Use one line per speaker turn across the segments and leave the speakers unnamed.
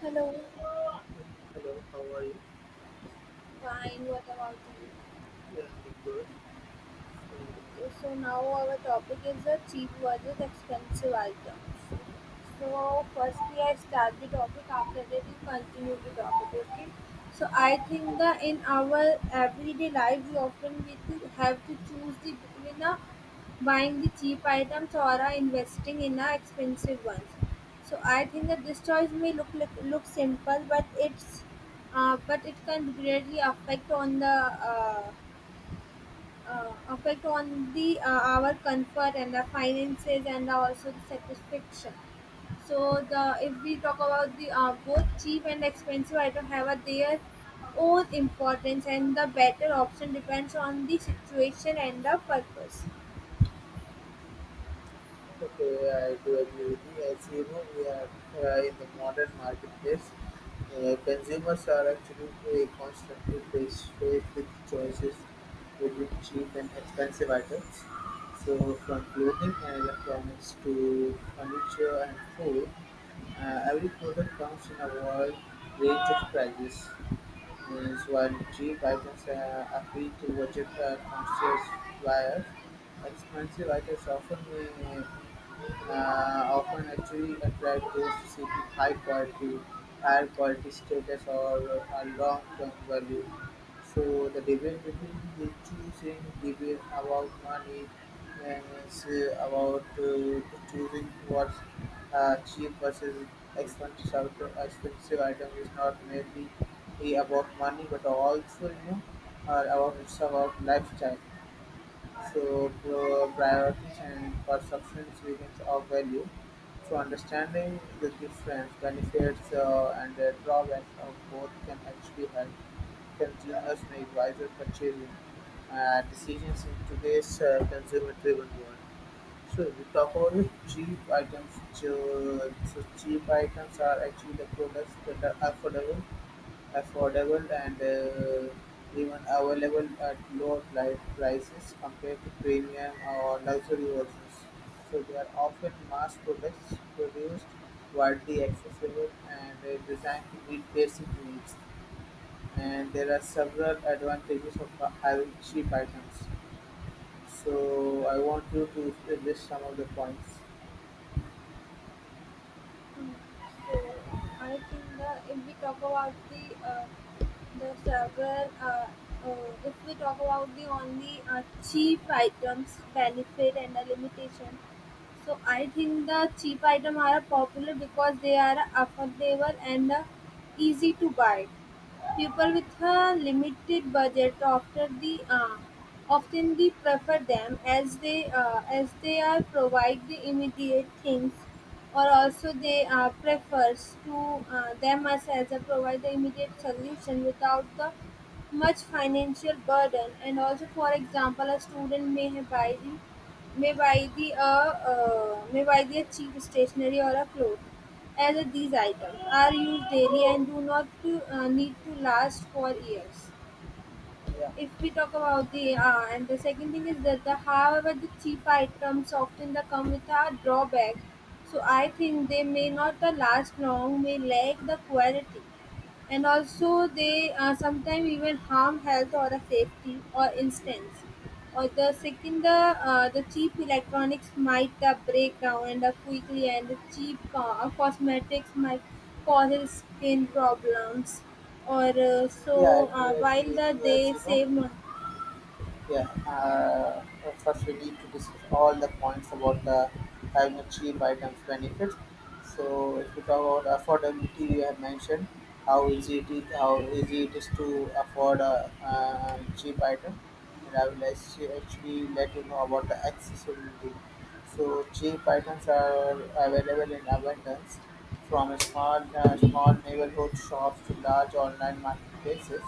Hello.
Hello, how are you?
Fine. What about you?
Yeah, I'm good. Uh,
Okay, so now our topic is the cheap versus expensive items. So firstly, I start the topic. After that, you continue the topic. Okay. So I think that in our everyday life, we often we to have to choose the between a buying the cheap items or a investing in a expensive ones. So I think that this choice may look look simple, but it's but it can greatly affect on uh, the our comfort and the finances and also the satisfaction. So the if we talk about the both cheap and expensive item have a their own importance and the better option depends on the situation and the purpose.
okay, I do agree with you. As you know, we are in the modern marketplace. Consumers are actually constantly faced with choices between cheap and expensive items. So from clothing and electronics to furniture and food, every product comes in a wide range of prices. Is while cheap items appeal to budget-conscious buyers, expensive items uh, often actually attract those seeking high quality, higher quality status or a long-term value. So the debate between the choosing debate about money and it's about choosing what's cheap versus expensive item is not maybe be about money but also you know about it's about lifestyle, so priorities and perceptions begins of value. So understanding the difference benefits and the drawbacks of both can actually help consumers make wiser purchasing decisions in today's consumer driven world. So if we talk about the cheap items, so cheap items are actually the products that are affordable and even available at lower prices compared to premium or luxury versions. So they are often mass products produced, widely accessible, and designed to meet basic needs. And there are several advantages of having cheap items. So I want you to list some of the points.
So I think that if we talk about uh, the struggle, uh, if we talk about the only cheap items, benefit and the limitation. So I think the cheap item are popular because they are affordable and easy to buy. People with a limited budget after the often they prefer them as they are provide the immediate things or also they prefers to them as a provide the immediate solution without the much financial burden, and also for example a student may have buy the may buy the cheap stationery or a cloth, as these items are used daily and do not need to last for years.
Yeah,
If we talk about the uh, and the second thing is that the however the cheap items often they come with a drawback. So I think they may not last long, may lack the quality, and also they sometimes even harm health or a safety, or instance, or The second the cheap electronics might break down and quickly, and the cheap cosmetics might cause skin problems. or uh,
yeah, I
so
do
uh, while
agree with you. As
they
you know,
save money.
Yeah, first we need to discuss all the points about the having a cheap items benefits. So if we talk about affordability, we have mentioned how easy it is, how easy it is to afford a, cheap item, and I will actually let you know about the accessibility. So cheap items are available in abundance, from small small neighborhood shops to large online marketplaces.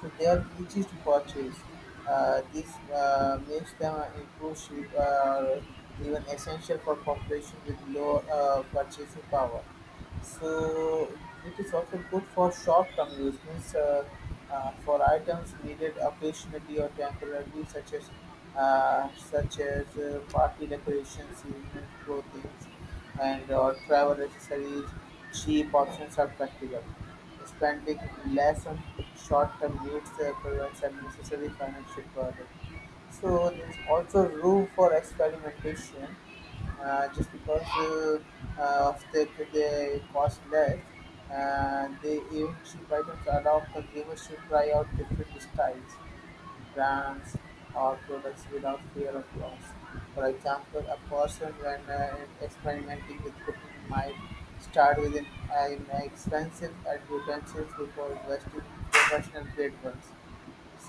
So they are easy to purchase. This makes them inclusive, even essential for population with low purchasing power. So it is also good for short-term use, means for items needed occasionally or temporarily, such as such as party decorations, seasonal clothing, and or travel accessories. Cheap options are practical. Spending less on short-term needs prevents unnecessary financial burden. So there's also room for experimentation, just because of they cost less. They even cheap items allow consumers to try out different styles, brands, or products without fear of loss. For example, a person when experimenting with cooking might start with an expensive utensils before investing in professional grade ones.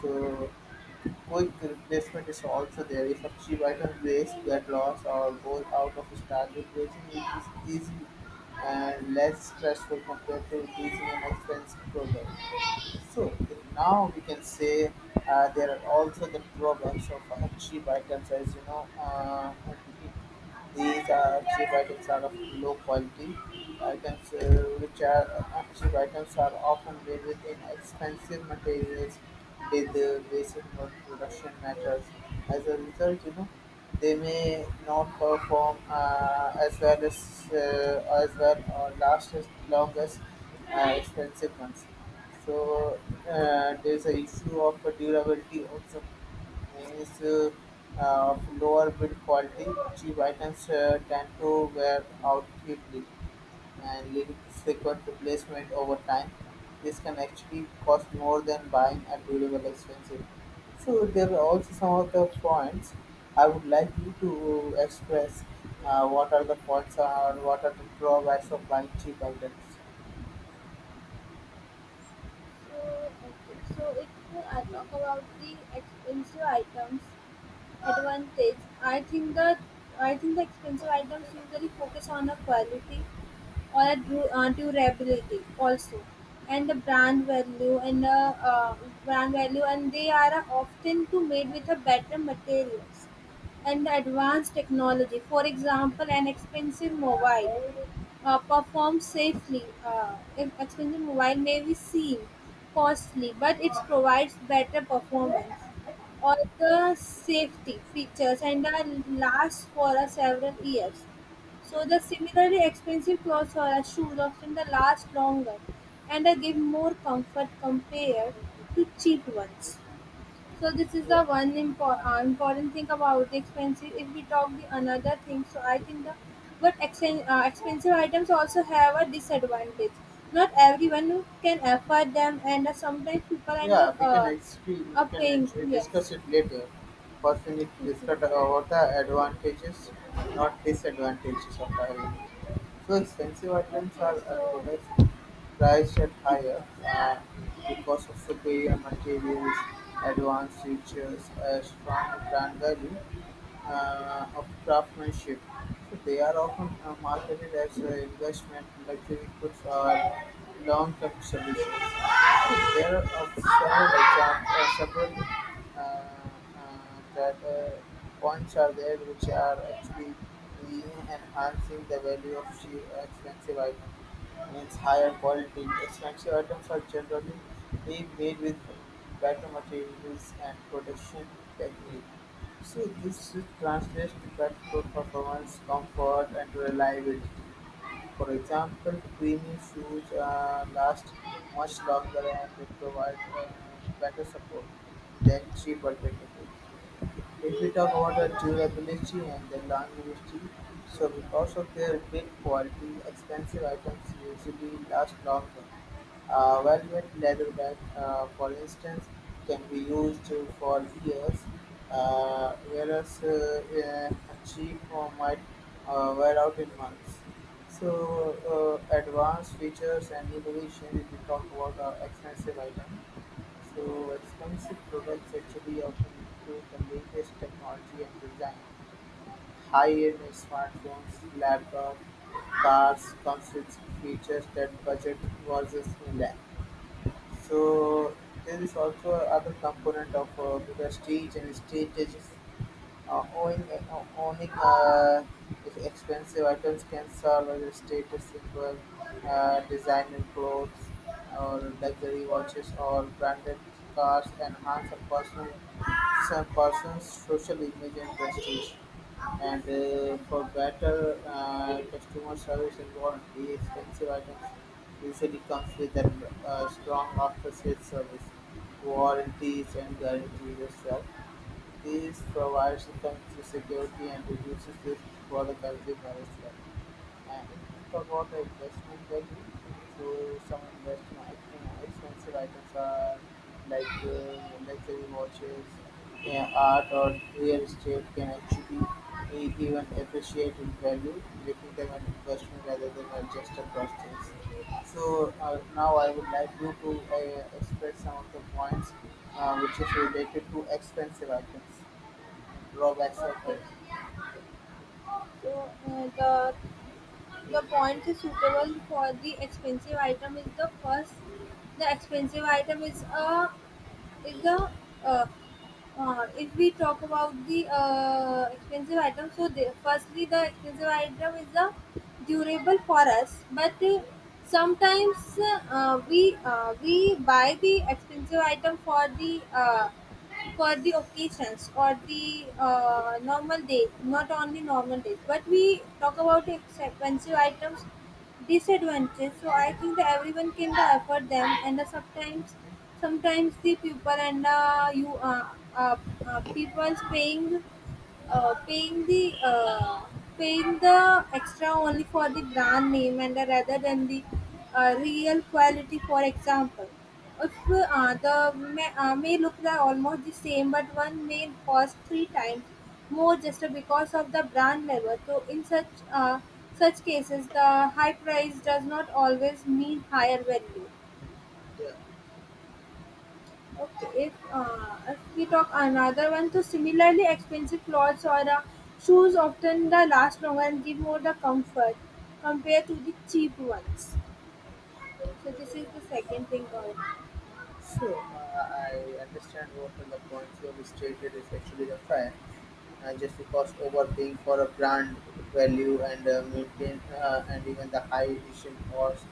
So quick replacement is also there. If a cheap item breaks, get lost, or goes out of style, replacing it is easy and less stressful compared to replacing an expensive product. So now we can say there are also the drawbacks of cheap items. As you know, these cheap items are of low quality. Items which are cheap items are often made with inexpensive materials with basic work production methods. As a result, you know, they may not perform as well or last as long as expensive ones. So there's a issue of durability also, means of lower build quality. Cheap items tend to wear out quickly and leading to frequent replacement over time. This can actually cost more than buying a durable expensive. So there are also some of the points I would like you to express. What are the points or what are the drawbacks of buying cheap items?
So, okay. So, if I talk about the expensive items, advantage. I think the expensive items usually focus on a quality or a durability also, and the uh, brand value, and they are often to made with a better materials and the advanced technology. For example, an expensive mobile performed safely. If expensive mobile may be seen costly, but it provides better performance. All the safety features and are lasts for a several years. So the similarly expensive clothes or a shoes often the last longer, and they give more comfort compared to cheap ones. So this is
Yeah.
the one important thing about the expensive. If we talk the another thing, so I think the but expensive items also have a disadvantage. Not everyone can afford them, and sometimes people end
Yeah,
up,
we can actually we
are
can
paying.
actually
Yes.
discuss it later. First, we need to
Okay.
discuss about the advantages, not disadvantages of having. So expensive items
Okay.
are a
So
product price at
if
higher because of superior materials, advanced features, a strong brand value of craftsmanship. So they are often marketed as investment, luxury goods, or long-term solutions. So there are several examples, several that points are there which are actually really enhancing the value of cheap, expensive item. Means higher quality. Expensive items are generally being made with better materials and production technique. So this translates to better performance, comfort, and reliability. For example, creamy shoes last much longer and they provide better support than cheap alternatives. If we talk about the durability and the longevity, so because of their big quality, expensive items usually last longer. A velvet leather bag, for instance, can be used for years, whereas a cheap one might wear out in months. So advanced features and innovation, if we talk about the expensive item. So expensive products actually often include the latest technology and design. High-end smartphones, laptops, cars comes with features that budget versus lack. So there is also other component of prestige and status, uh, owning owning expensive items can serve as a status symbol. Designer clothes or luxury watches or branded cars enhance a personal some person's social image and prestige. And for better customer service and warranty, expensive items usually comes with a strong after-sales service, warranties and guarantees as well. This provides effective security and reduces risk for the consumer as well. If we talk about the investment value. So some investment expensive items are like luxury watches, yeah, art or real estate can actually even appreciate in value, making them an investment rather than a just a purchase. So now I would like you to express some of the points which is related to expensive items, drawbacks of
okay,
it.
so the points is suitable for the expensive item is the first. The expensive item is a is the uh, if we talk about the expensive item, so firstly the expensive item is the durable for us, but sometimes we buy the expensive item for the occasions or the normal days, not only normal days, but we talk about expensive items disadvantage. So I think that everyone can the afford them, and the sometimes, sometimes the people and the you uh, people's paying uh, paying the uh, paying the extra only for the brand name, and rather than the real quality. For example, if the may look the almost the same, but one may cost three times more just because of the brand level. So in such such cases, the high price does not always mean higher value.
Yeah.
Okay, if we talk another one, so similarly expensive clothes or shoes often the last longer and give more the comfort compared to the cheap ones. So this is the second thing. Or
So I understand what are the points you have stated is actually the fact, and just because overpaying for a brand value and maintain and even the high edition cost.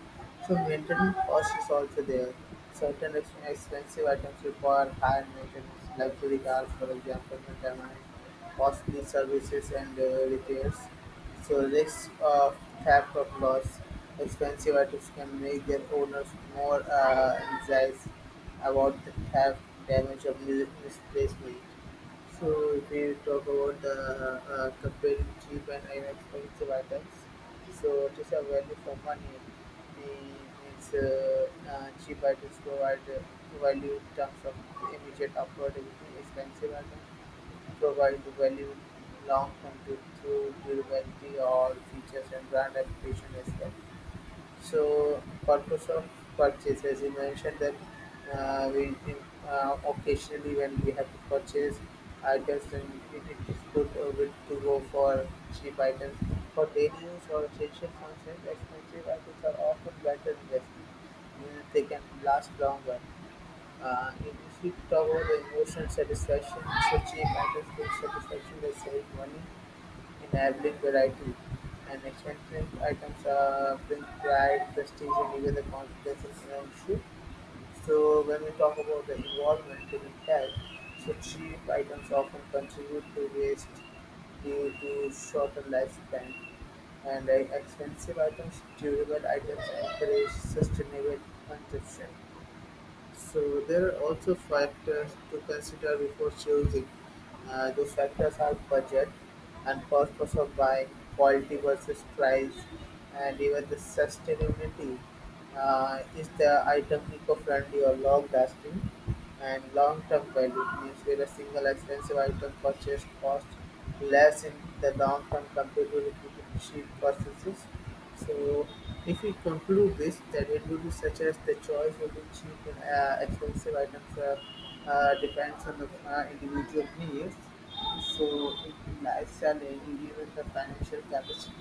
So maintenance cost is also there. Certain expensive items require higher maintenance, luxury cars, for example, may demand costly services and repairs. So risk of theft of loss. Expensive items can make their owners more anxious about the theft, damage, or misplacement. So if we talk about the comparing cheap and inexpensive items, so it is a value for money. It means cheap items provide value in terms of immediate affordability. Expensive items provide value in long term through durability or features and brand reputation as well. So purpose of purchase, as you mentioned that we occasionally when we have to purchase items, then it is good to go for cheap items. For daily use or essential functions, expensive items are often better investment. They can last longer. If we talk about the emotional satisfaction, so cheap items give satisfaction by saving money, enabling variety, and expensive items bring pride, prestige, and even the confidence and ownership. So when we talk about the involvement in impact, so cheap items often contribute to waste due to shortened lifespan, and expensive items, durable items encourage sustainable consumption. So there are also factors to consider before choosing. The factors are budget and purpose of buying, quality versus price, and even the sustainability. Is the item eco-friendly or long-lasting? And long-term value means where a single expensive item purchased costs less in the long term compared to repeated cheap purchases. So if we conclude this, that it will be such as the choice will be cheap and expensive items depends on the individual needs, so in lifestyle, and even the financial capacity.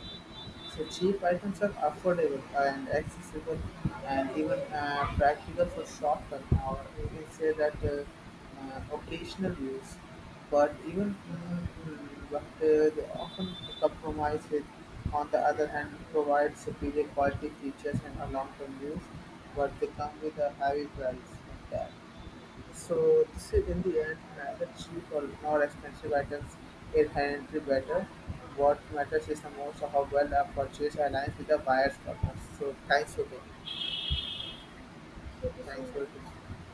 So cheap items are affordable and accessible and even practical for short term, or we can say that occasional use. But even mm, but they often compromise with, on the other hand, provide superior quality features and a long-term use, but they come with a heavy price tag. So this is in the end neither cheap or nor expensive items inherently better. What matters is the most of how well a purchase aligns with the buyer's purpose. So thanks for being.
so this
Thanks for
is.
listening.